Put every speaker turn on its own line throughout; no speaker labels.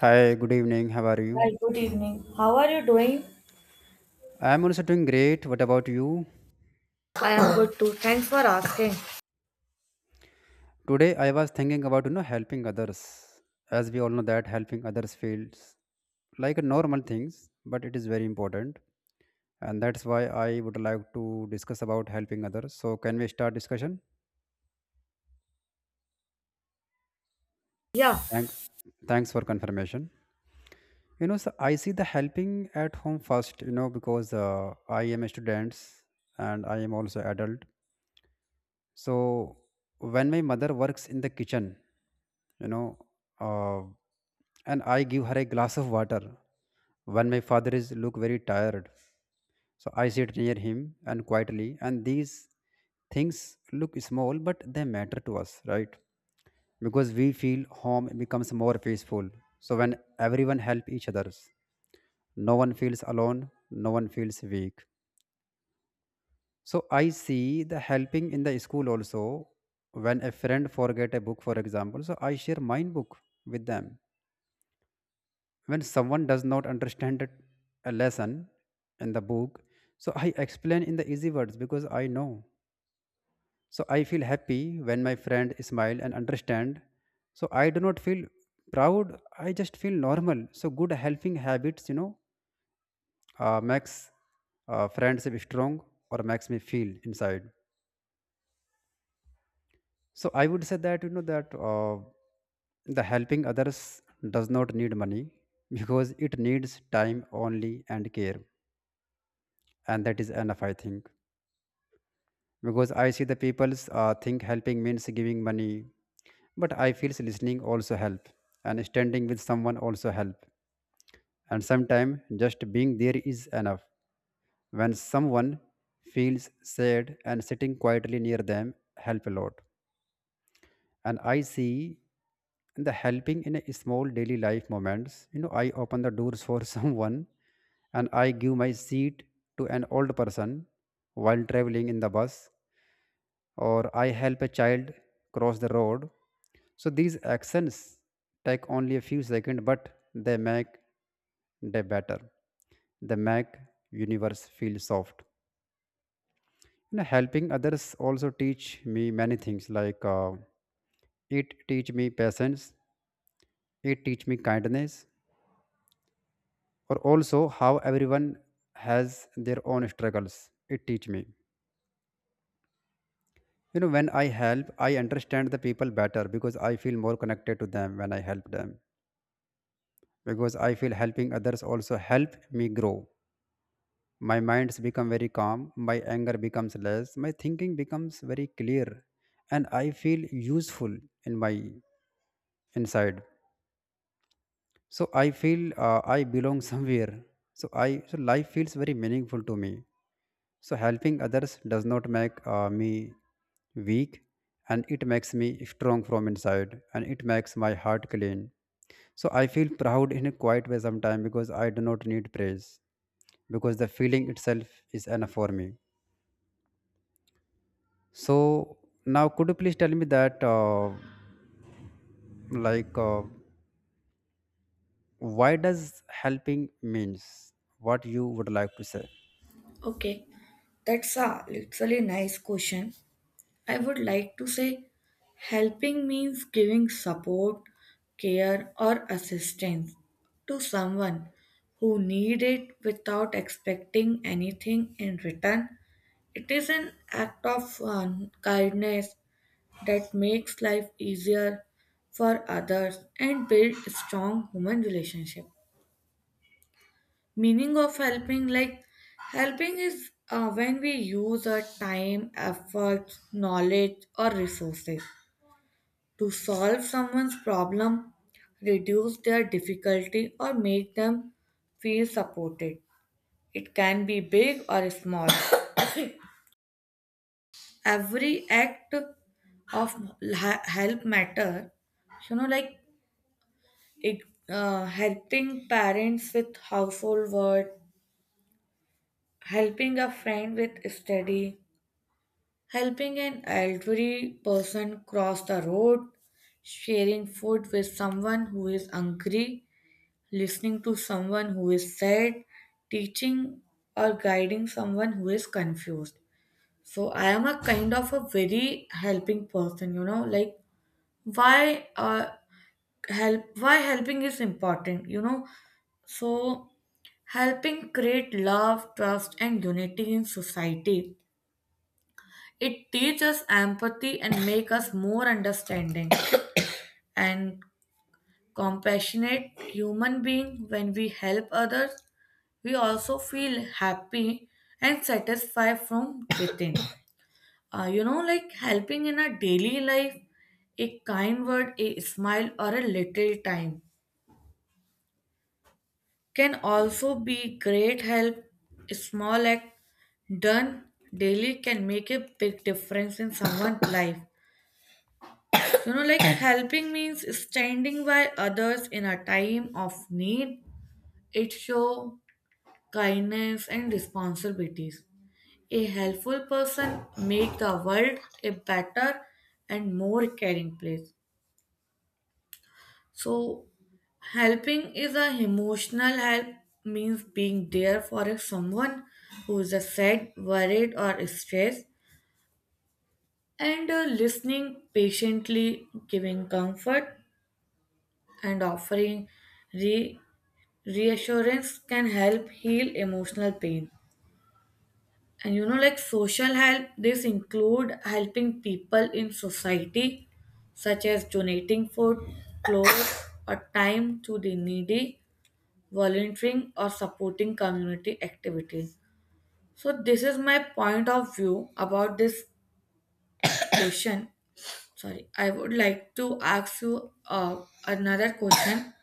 Hi, good evening. How are you?
Hi, good evening. How are you doing?
I am also doing great. What about you?
I am good too. Thanks for asking.
Today I was thinking about helping others. As we all know that helping others feels like a normal things, but it is very important. And that's why I would like to discuss about helping others. So can we start discussion?
Yeah,
Thanks. Thanks for confirmation. So I see the helping at home first, because I am a student and I am also adult. So when my mother works in the kitchen, you know, uh, and I give her a glass of water. When my father is look very tired, so I sit near him and quietly. And these things look small, but they matter to us, right? Because we feel home becomes more peaceful. So when everyone help each others, no one feels alone, no one feels weak. So I see the helping in the school also. When a friend forget a book, for example, so I share mine book with them. When someone does not understand it- a lesson in the book, so I explain in the easy words because I know. So I feel happy when my friend smile and understand. So I do not feel proud. I just feel normal. So good helping habits, makes friendship strong or makes me feel inside. So I would say that the helping others does not need money because it needs time only and care, and that is enough, I think. Because I see the people's think helping means giving money, but I feel listening also help, and standing with someone also help, and sometimes just being there is enough. When someone feels sad and sitting quietly near them help a lot. And I see the helping in a small daily life moments. You know, I open the doors for someone and I give my seat to an old person while traveling in the bus, or I help a child cross the road. So these actions take only a few seconds, but they make day better. They make universe feel soft. You know, helping others also teach me many things like it teach me patience. It teach me kindness or also how everyone has their own struggles. It teach me. You know, when I help, I understand the people better because I feel more connected to them when I help them. Because I feel helping others also help me grow. My minds become very calm, my anger becomes less, my thinking becomes very clear, and I feel useful in my inside. So I feel I belong somewhere. So life feels very meaningful to me. So helping others does not make me weak, and it makes me strong from inside and it makes my heart clean. So I feel proud in a quiet way sometimes because I do not need praise because the feeling itself is enough for me. So now could you please tell me that like uh, why does helping means what you would like to say?
okay. That's a literally nice question. I would like to say helping means giving support, care, or assistance to someone who need it without expecting anything in return. It is an act of kindness that makes life easier for others and build strong human relationship. Meaning of helping like helping is when we use our time efforts knowledge or resources to solve someone's problem reduce their difficulty or make them feel supported. It can be big or small. Every act of help matter, you know, like it, helping parents with household work, helping a friend with study, helping an elderly person cross the road, sharing food with someone who is hungry, listening to someone who is sad, teaching or guiding someone who is confused. So I am a kind of a very helping person, you know, like why uh why helping is important, you know. So helping create love, trust and unity in society. It teaches empathy and make us more understanding and compassionate human being. When we help others, we also feel happy and satisfied from within. You know, like helping in our daily life, a kind word, a smile, or a little time can also be great help. A small act done daily can make a big difference in someone's life. You know, like helping means standing by others in a time of need. It shows kindness and responsibilities. A helpful person make the world a better and more caring place. So, helping is a emotional help means being there for a someone who is a sad, worried, or stressed, and listening patiently, giving comfort, and offering re- reassurance can help heal emotional pain. And you know like social help this include helping people in society such as donating food, clothes or time to the needy, volunteering or supporting community activities. So this is my point of view about this question. Sorry, I would like to ask you another question.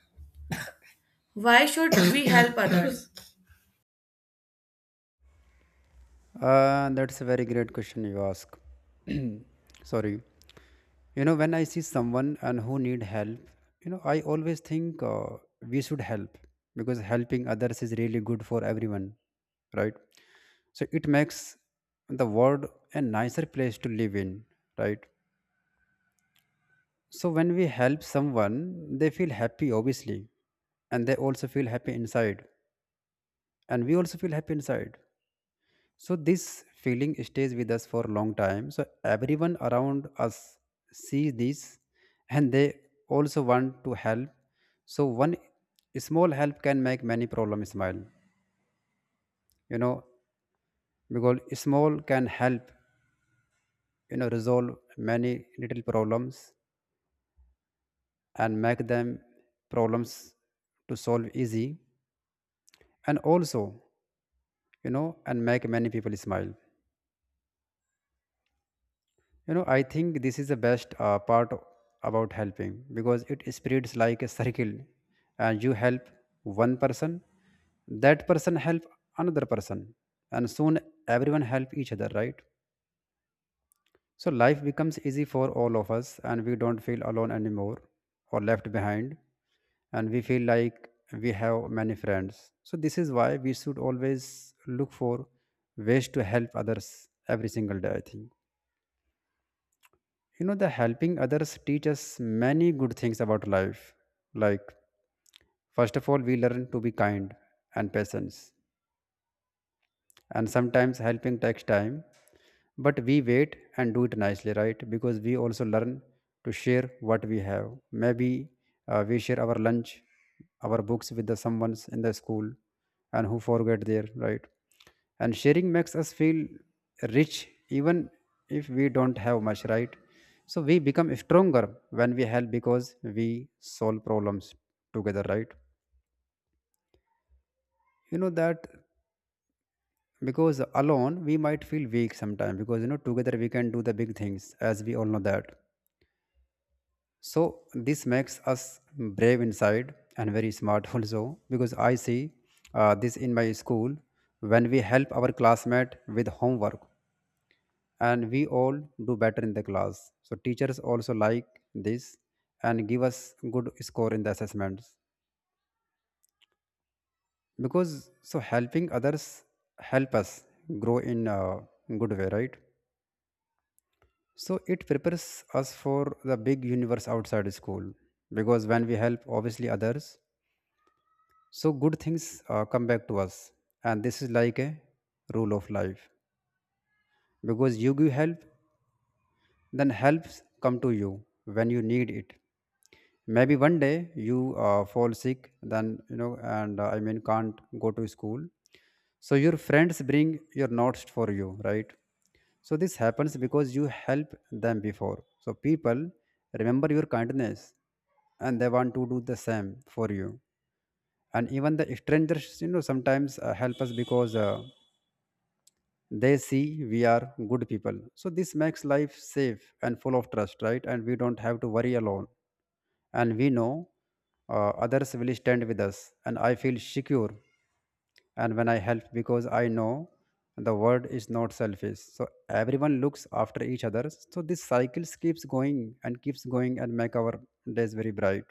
Why should we help others?
That's a very great question you ask. Sorry. You know, when I see someone and who need help, you know, I always think we should help because helping others is really good for everyone, right? So it makes the world a nicer place to live in, right? So when we help someone, they feel happy obviously, and they also feel happy inside, and we also feel happy inside. So this feeling stays with us for a long time. So everyone around us sees this and they also want to help. So one small help can make many problems smile. You know, because small can help, you know, resolve many little problems and make them problems to solve easy, and also, you know, and make many people smile. You know, I think this is the best part about helping because it spreads like a circle, and you help one person, that person help another person, and soon everyone help each other, right? So life becomes easy for all of us and we don't feel alone anymore or left behind, and we feel like we have many friends. So this is why we should always look for ways to help others every single day, I think. You know, the helping others teach us many good things about life. Like, first of all, we learn to be kind and patient, and sometimes helping takes time, but we wait and do it nicely, right? Because we also learn to share what we have. Maybe we share our lunch, our books with the someone's in the school and who forget their, right? And sharing makes us feel rich even if we don't have much, right? So we become stronger when we help because we solve problems together, right? You know that, because alone we might feel weak sometimes because, you know, together we can do the big things, as we all know that. So this makes us brave inside and very smart also because I see this in my school. When we help our classmate with homework, and we all do better in the class, so teachers also like this and give us good score in the assessments. Because so helping others help us grow in a good way, right? So it prepares us for the big universe outside school, because when we help obviously others, so good things come back to us. And this is like a rule of life, because you give help, then helps come to you when you need it. Maybe one day you fall sick, then, you know, and can't go to school, so your friends bring your notes for you, right? So this happens because you help them before, so people remember your kindness and they want to do the same for you. And even the strangers, you know, sometimes help us because they see we are good people, so this makes life safe and full of trust, right? And we don't have to worry alone, and we know others will stand with us, and I feel secure. And when I help, because I know the world is not selfish, so everyone looks after each other, so this cycle keeps going and make our days very bright.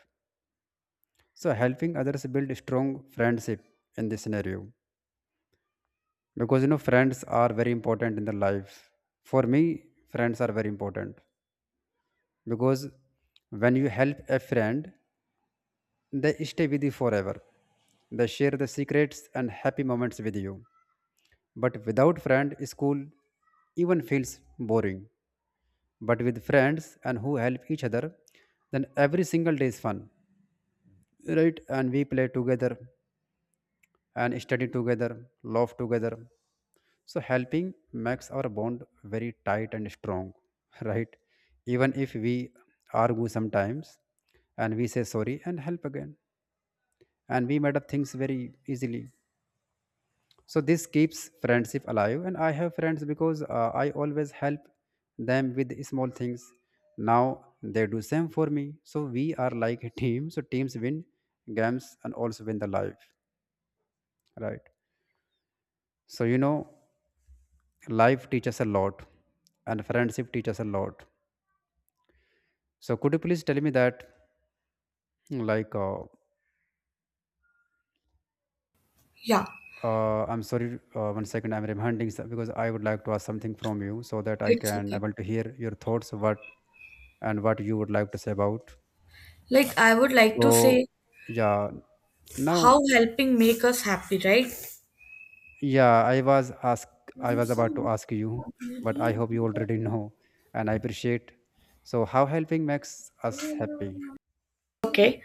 So helping others build strong friendship in this scenario, because, you know, friends are very important in the life. For me, friends are very important because when you help a friend, they stay with you forever. They share the secrets and happy moments with you, but without friend, school even feels boring. But with friends and who help each other, then every single day is fun, right? And we play together and study together, laugh together. So helping makes our bond very tight and strong, right? Even if we argue sometimes, and we say sorry and help again. And we made up things very easily. So this keeps friendship alive. And I have friends because I always help them with small things. Now they do same for me. So we are like a team. So teams win games and also win the life, right? So, you know, life teaches a lot and friendship teaches a lot. So could you please tell me that, like, uh,
Yeah,
I'm sorry, one second, because I would like to ask something from you so that I
it's
can
okay.
able to hear your thoughts, what and what you would like to say about.
Like I would like to
So,
say
yeah, now,
how helping make us happy, right?
yeah, I was about to ask you, but I hope you already know, and I appreciate. So, how helping makes us happy?
Okay.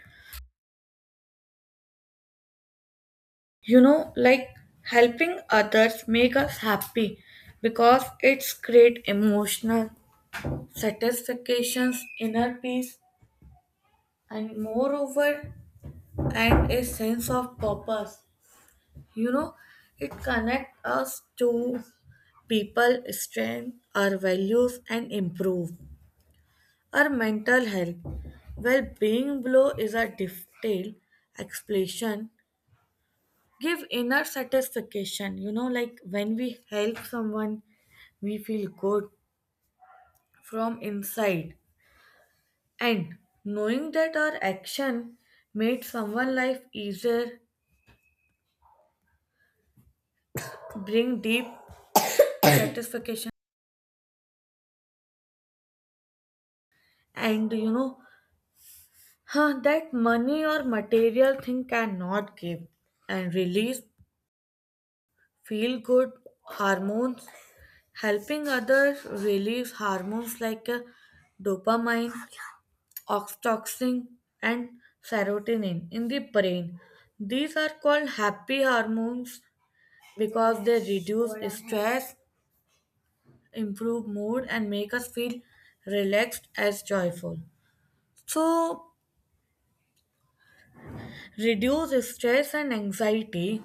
You know, like helping others make us happy because it's create emotional satisfactions, inner peace and moreover and a sense of purpose. You know, it connect us to people, strength, our values and improve our mental health, well being. Below is a detailed explanation. Give inner satisfaction. You know, like when we help someone, we feel good from inside. And knowing that our action made someone life easier, bring deep satisfaction. And you know, huh, that money or material thing cannot give. And release feel good hormones. Helping others release hormones like dopamine, oxytocin, and serotonin in the brain. These are called happy hormones because they reduce stress, improve mood, and make us feel relaxed as joyful. So, reduce stress and anxiety,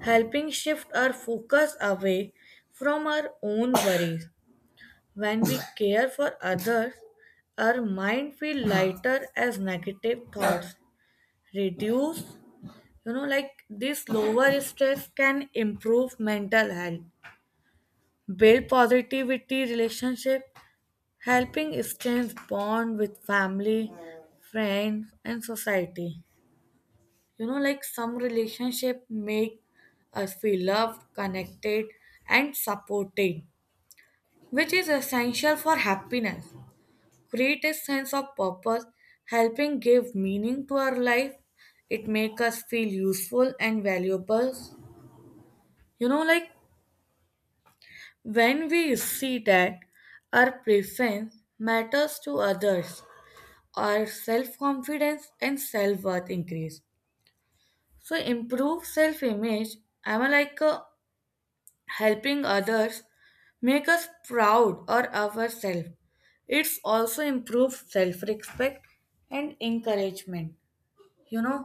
helping shift our focus away from our own worries. When we care for others, our mind feel lighter as negative thoughts reduce. You know, like this lower stress can improve mental health, build positivity relationship, helping strength bond with family, friends, and society. You know, like some relationship make us feel loved, connected, and supported, which is essential for happiness. Create a sense of purpose, helping give meaning to our life. It makes us feel useful and valuable. You know, like when we see that our preference matters to others, our self confidence and self worth increase. So, improve self image, I like helping others make us proud or ourselves. It's also improves self respect and encouragement. You know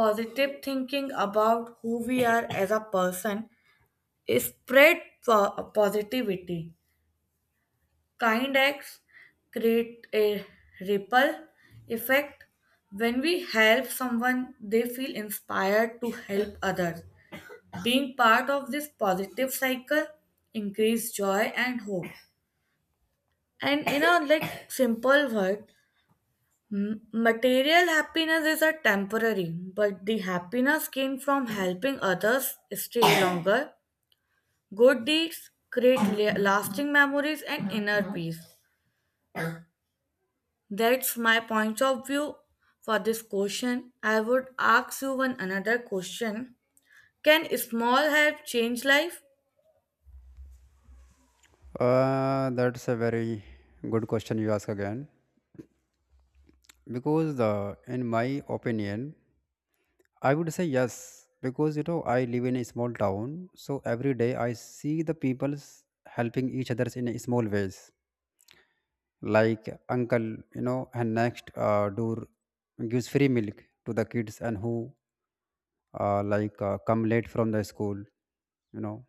positive thinking about who we are as a person is spread positivity. Kind acts create a ripple effect. When we help someone they feel inspired to help others. Being part of this positive cycle increase joy and hope. And in a like simple word, Material happiness is a temporary, but the happiness gained from helping others stay longer. Good deeds create lasting memories and inner peace. That's my point of view for this question. I would ask you one another question. Can small help change life?
That's a very good question you ask again, because in my opinion, I would say yes, because, you know, I live in a small town, so every day I see the people's helping each others in a small ways. Like uncle, you know, and next door gives free milk to the kids and who come late from the school, you know,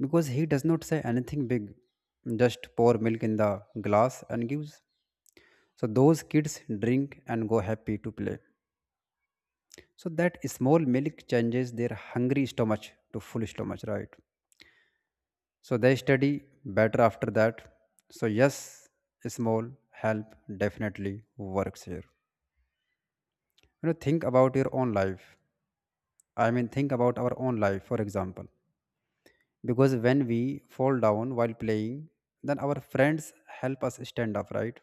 because he does not say anything big, just pour milk in the glass and gives. So those kids drink and go happy to play. So that small milk changes their hungry stomach to full stomach, right? So they study better after that. So yes, small help definitely works here. You know, think about your own life. I mean, think about our own life, for example. Because when we fall down while playing, then our friends help us stand up, right?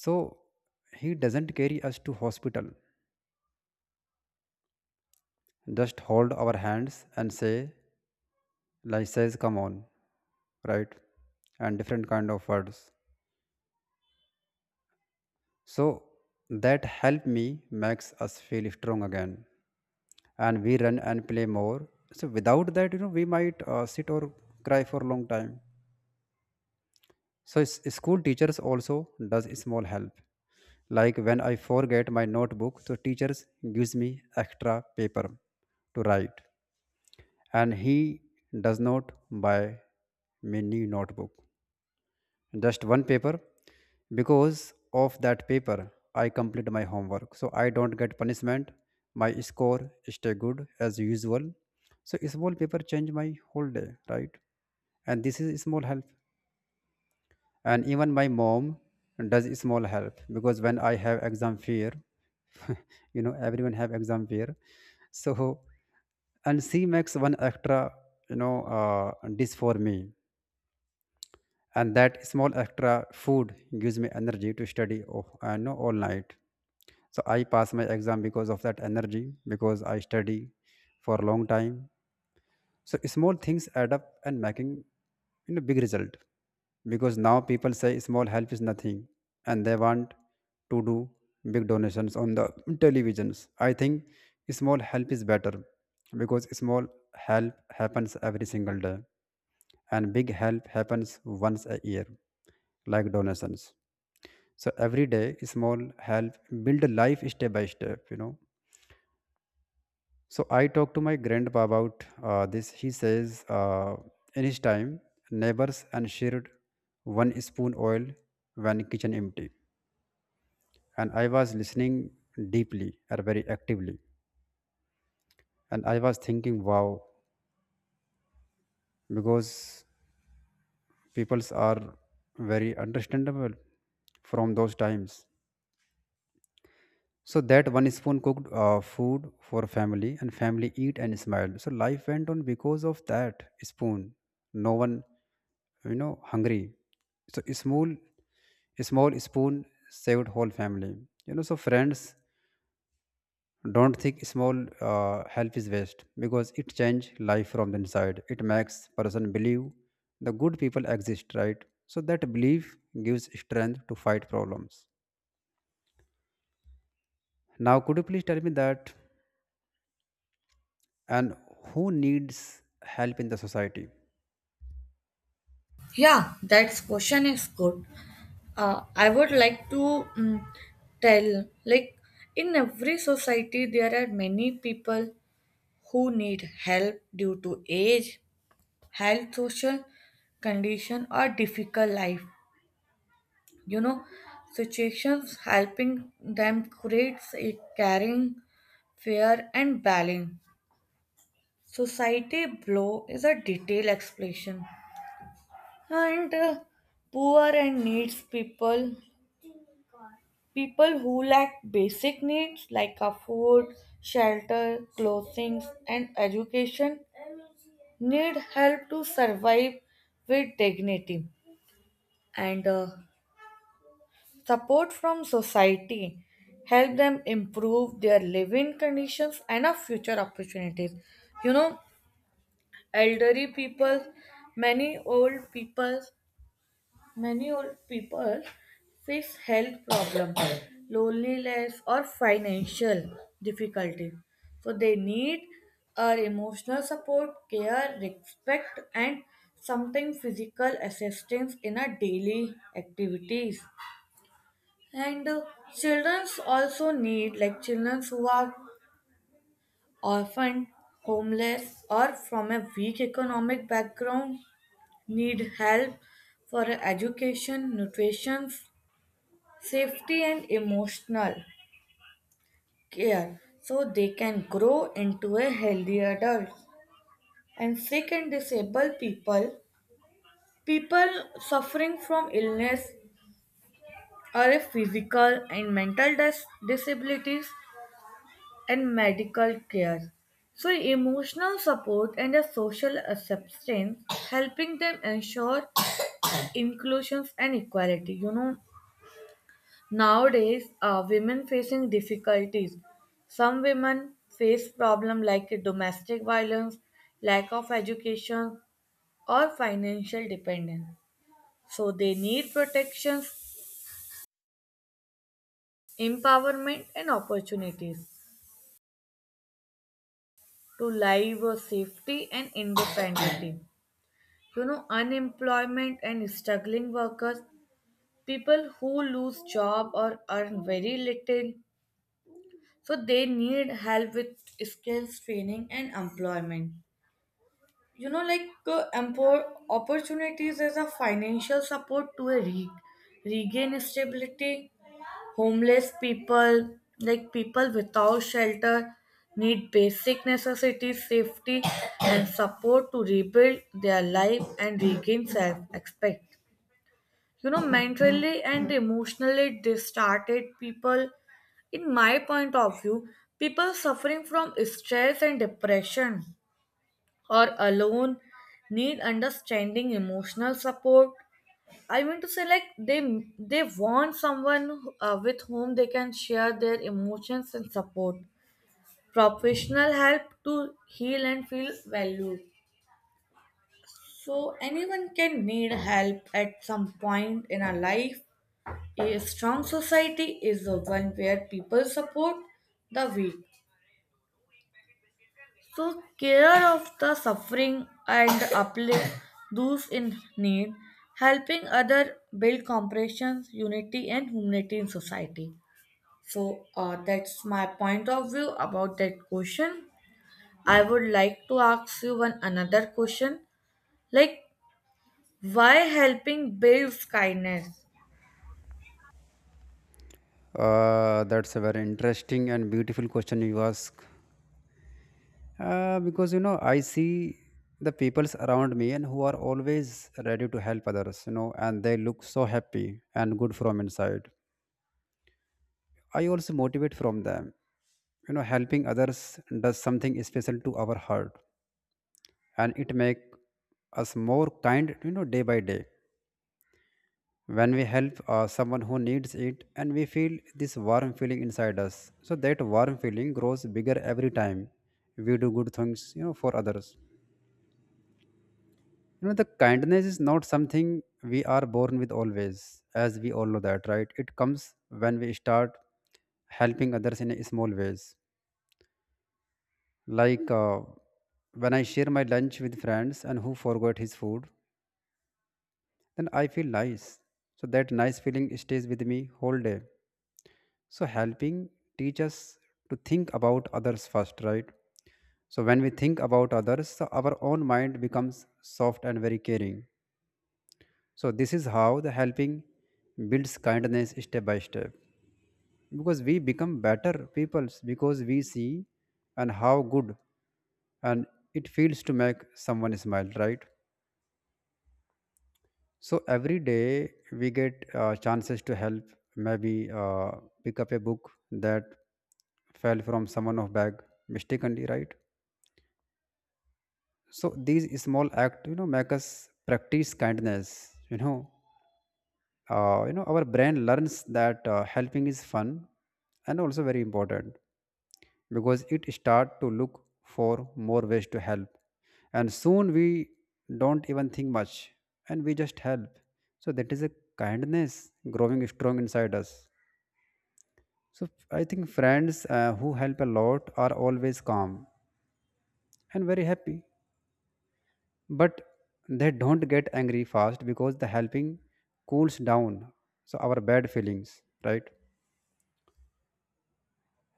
So he doesn't carry us to hospital, just hold our hands and say, like, says, come on, right? And different kind of words. So that helped me makes us feel strong again, and we run and play more. So without that, we might sit or cry for a long time. So school teachers also does small help. Like when I forget my notebook, so teachers gives me extra paper to write, and he does not buy me new notebook. Just one paper. Because of that paper I complete my homework, so I don't get punishment. My score stay good as usual. So small paper change my whole day, right? And this is small help. And even my mom does small help, because when I have exam fear everyone have exam fear. So and she makes one extra you know uh, dish for me, and that small extra food gives me energy to study, oh, I know, all night. So I pass my exam because of that energy, because I study for a long time. So small things add up and making big result, because now people say small help is nothing and they want to do big donations on the televisions. I think small help is better, because small help happens every single day and big help happens once a year, like donations. So every day small help build life step by step, so I talked to my grandpa about this. He says in his time neighbors and shared one spoon oil when kitchen empty. And I was listening deeply, or very actively, and I was thinking wow, because peoples are very understandable from those times. So that one spoon cooked food for family, and family eat and smile. So life went on because of that spoon. No one, hungry. So a small spoon saved whole family, so friends, don't think small help is waste, because it change life from the inside. It makes person believe the good people exist, right? So that belief gives strength to fight problems. Now could you please tell me that, and who needs help in the society?
Yeah, that question is good. I would like to tell, like, in every society, there are many people who need help due to age, health, social condition, or difficult life. You know, situations helping them creates a caring, fair, and balance. Society blow is a detailed explanation. And poor and needs people, people who lack basic needs like a food, shelter, clothing, and education need help to survive with dignity and support from society help them improve their living conditions and of future opportunities. You know, elderly people, many old people. Many old people face health problems, loneliness, or financial difficulty. So they need emotional support, care, respect, and sometimes physical assistance in a daily activities. And children also need, like children who are orphaned, homeless, or from a weak economic background need help for education, nutrition, safety and emotional care so they can grow into a healthy adult. And sick and disabled people, people suffering from illness or a physical and mental disabilities and medical care, so emotional support and a social acceptance helping them ensure inclusions and equality. You know, nowadays, women facing difficulties. Some women face problems like domestic violence, lack of education, or financial dependence. So they need protections, empowerment, and opportunities to live a safety and independence. You know, unemployment and struggling workers, people who lose job or earn very little, so they need help with skills training and employment. You know like opportunities as a financial support to regain stability. Homeless people, like people without shelter need basic necessities safety and support to rebuild their life and regain self-respect. You know, mentally and emotionally distracted people, in my point of view, people suffering from stress and depression or alone need understanding emotional support. I mean to say like they want someone who- with whom they can share their emotions and support, professional help to heal and feel valued. So anyone can need help at some point in our life. A strong society is the one where people support the weak. So care of the suffering and uplift those in need, helping other build comprehension, unity and humanity in society. So that's my point of view about that question. I would like to ask you one another question, like why helping builds kindness.
That's a very interesting and beautiful question you ask. Because you know, I see the peoples around me and who are always ready to help others, you know, and they look so happy and good from inside. I also motivate from them. You know, helping others does something special to our heart, and it make us more kind, you know, day by day. When we help someone who needs it, and we feel this warm feeling inside us, so that warm feeling grows bigger every time we do good things, you know, for others. You know, the kindness is not something we are born with always, as we all know that, right? It comes when we start helping others in a small ways. Like when I share my lunch with friends and who forgot his food, then I feel nice. So that nice feeling stays with me whole day. So helping teach us to think about others first, right? So when we think about others, so our own mind becomes soft and very caring. So this is how the helping builds kindness step by step. Because we become better peoples, because we see and how good and it feels to make someone smile, right? So every day we get chances to help, maybe pick up a book that fell from someone of bag mistakenly, right? So these small act, you know, make us practice kindness. Our brain learns that helping is fun and also very important. Because it start to look for more ways to help, and soon we don't even think much, and we just help. So that is a kindness growing strong inside us. So I think friends who help a lot are always calm and very happy, but they don't get angry fast, because the helping cools down so our bad feelings, right?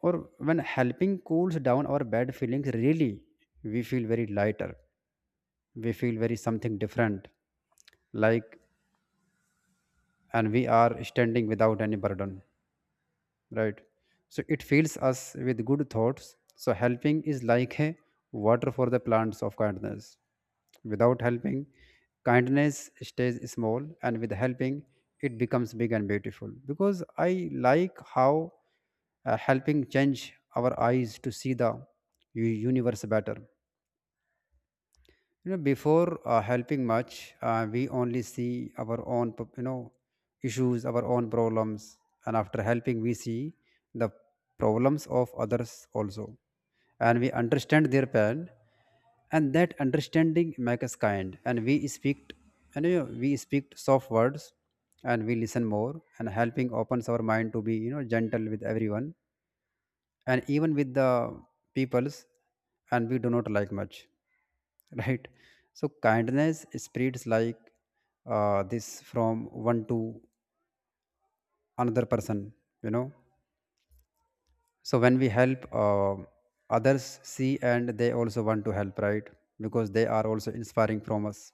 Or when helping cools down our bad feelings really, we feel very lighter, we feel very something different, like, and we are standing without any burden, right? So it fills us with good thoughts. So helping is like a water for the plants of kindness. Without helping kindness stays small, and with helping it becomes big and beautiful. Because I like how helping change our eyes to see the universe better. You know, before helping much, we only see our own you know, issues, our own problems, and after helping we see the problems of others also, and we understand their pain. And that understanding makes us kind, and we speak, and you know, we speak soft words and we listen more. And helping opens our mind to be, you know, gentle with everyone, and even with the peoples and we do not like much right? So kindness spreads like this from one to another person, you know. So when we help others see and they also want to help, right? Because they are also inspiring from us.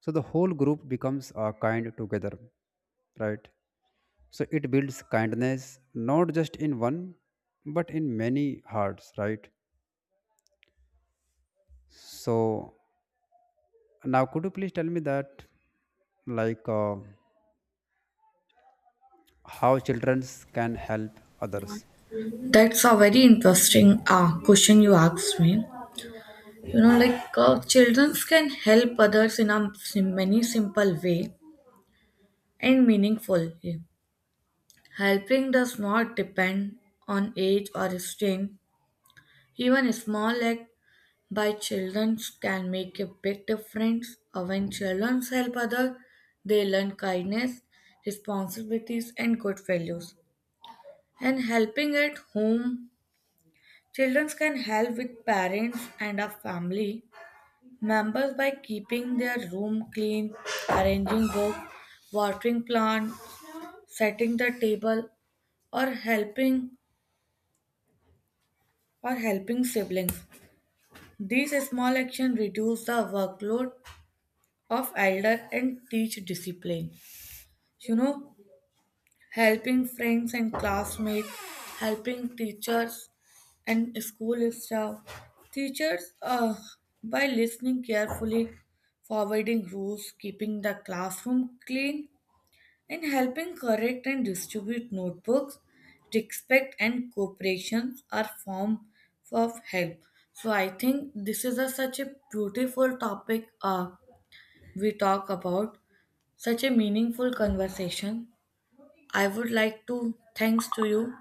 So the whole group becomes kind together, right? So it builds kindness not just in one, but in many hearts, right? So now, could you please tell me that, like, uh, how children can help others?
That's a very interesting question you asked me. You know, like children can help others in a many simple way and meaningful. Helping does not depend on age or strength. Even a small act by children can make a big difference. Or when children help others, they learn kindness, responsibilities, and good values. And helping at home, children can help with parents and a family members by keeping their room clean, arranging books, watering plants, setting the table, or helping or helping siblings. These small actions reduce the workload of elder and teach discipline. You know, helping friends and classmates, helping teachers and school staff. Teachers, by listening carefully, forwarding rules, keeping the classroom clean, in helping correct and distribute notebooks, respect and cooperation are form of help. So I think this is a, such a beautiful topic we talk about, such a meaningful conversation. I would like to thanks to you.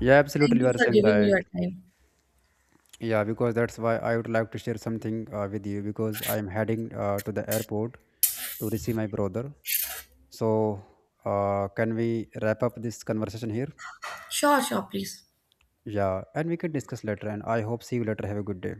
Yeah, absolutely,
Thank
you
you
are
for
saying
giving me
right.
your time.
Yeah, because that's why I would like to share something with you, because I'm heading to the airport to receive my brother. So, can we wrap up this conversation here?
Sure, sure, please.
Yeah, and we can discuss later. And I hope see you later. Have a good day.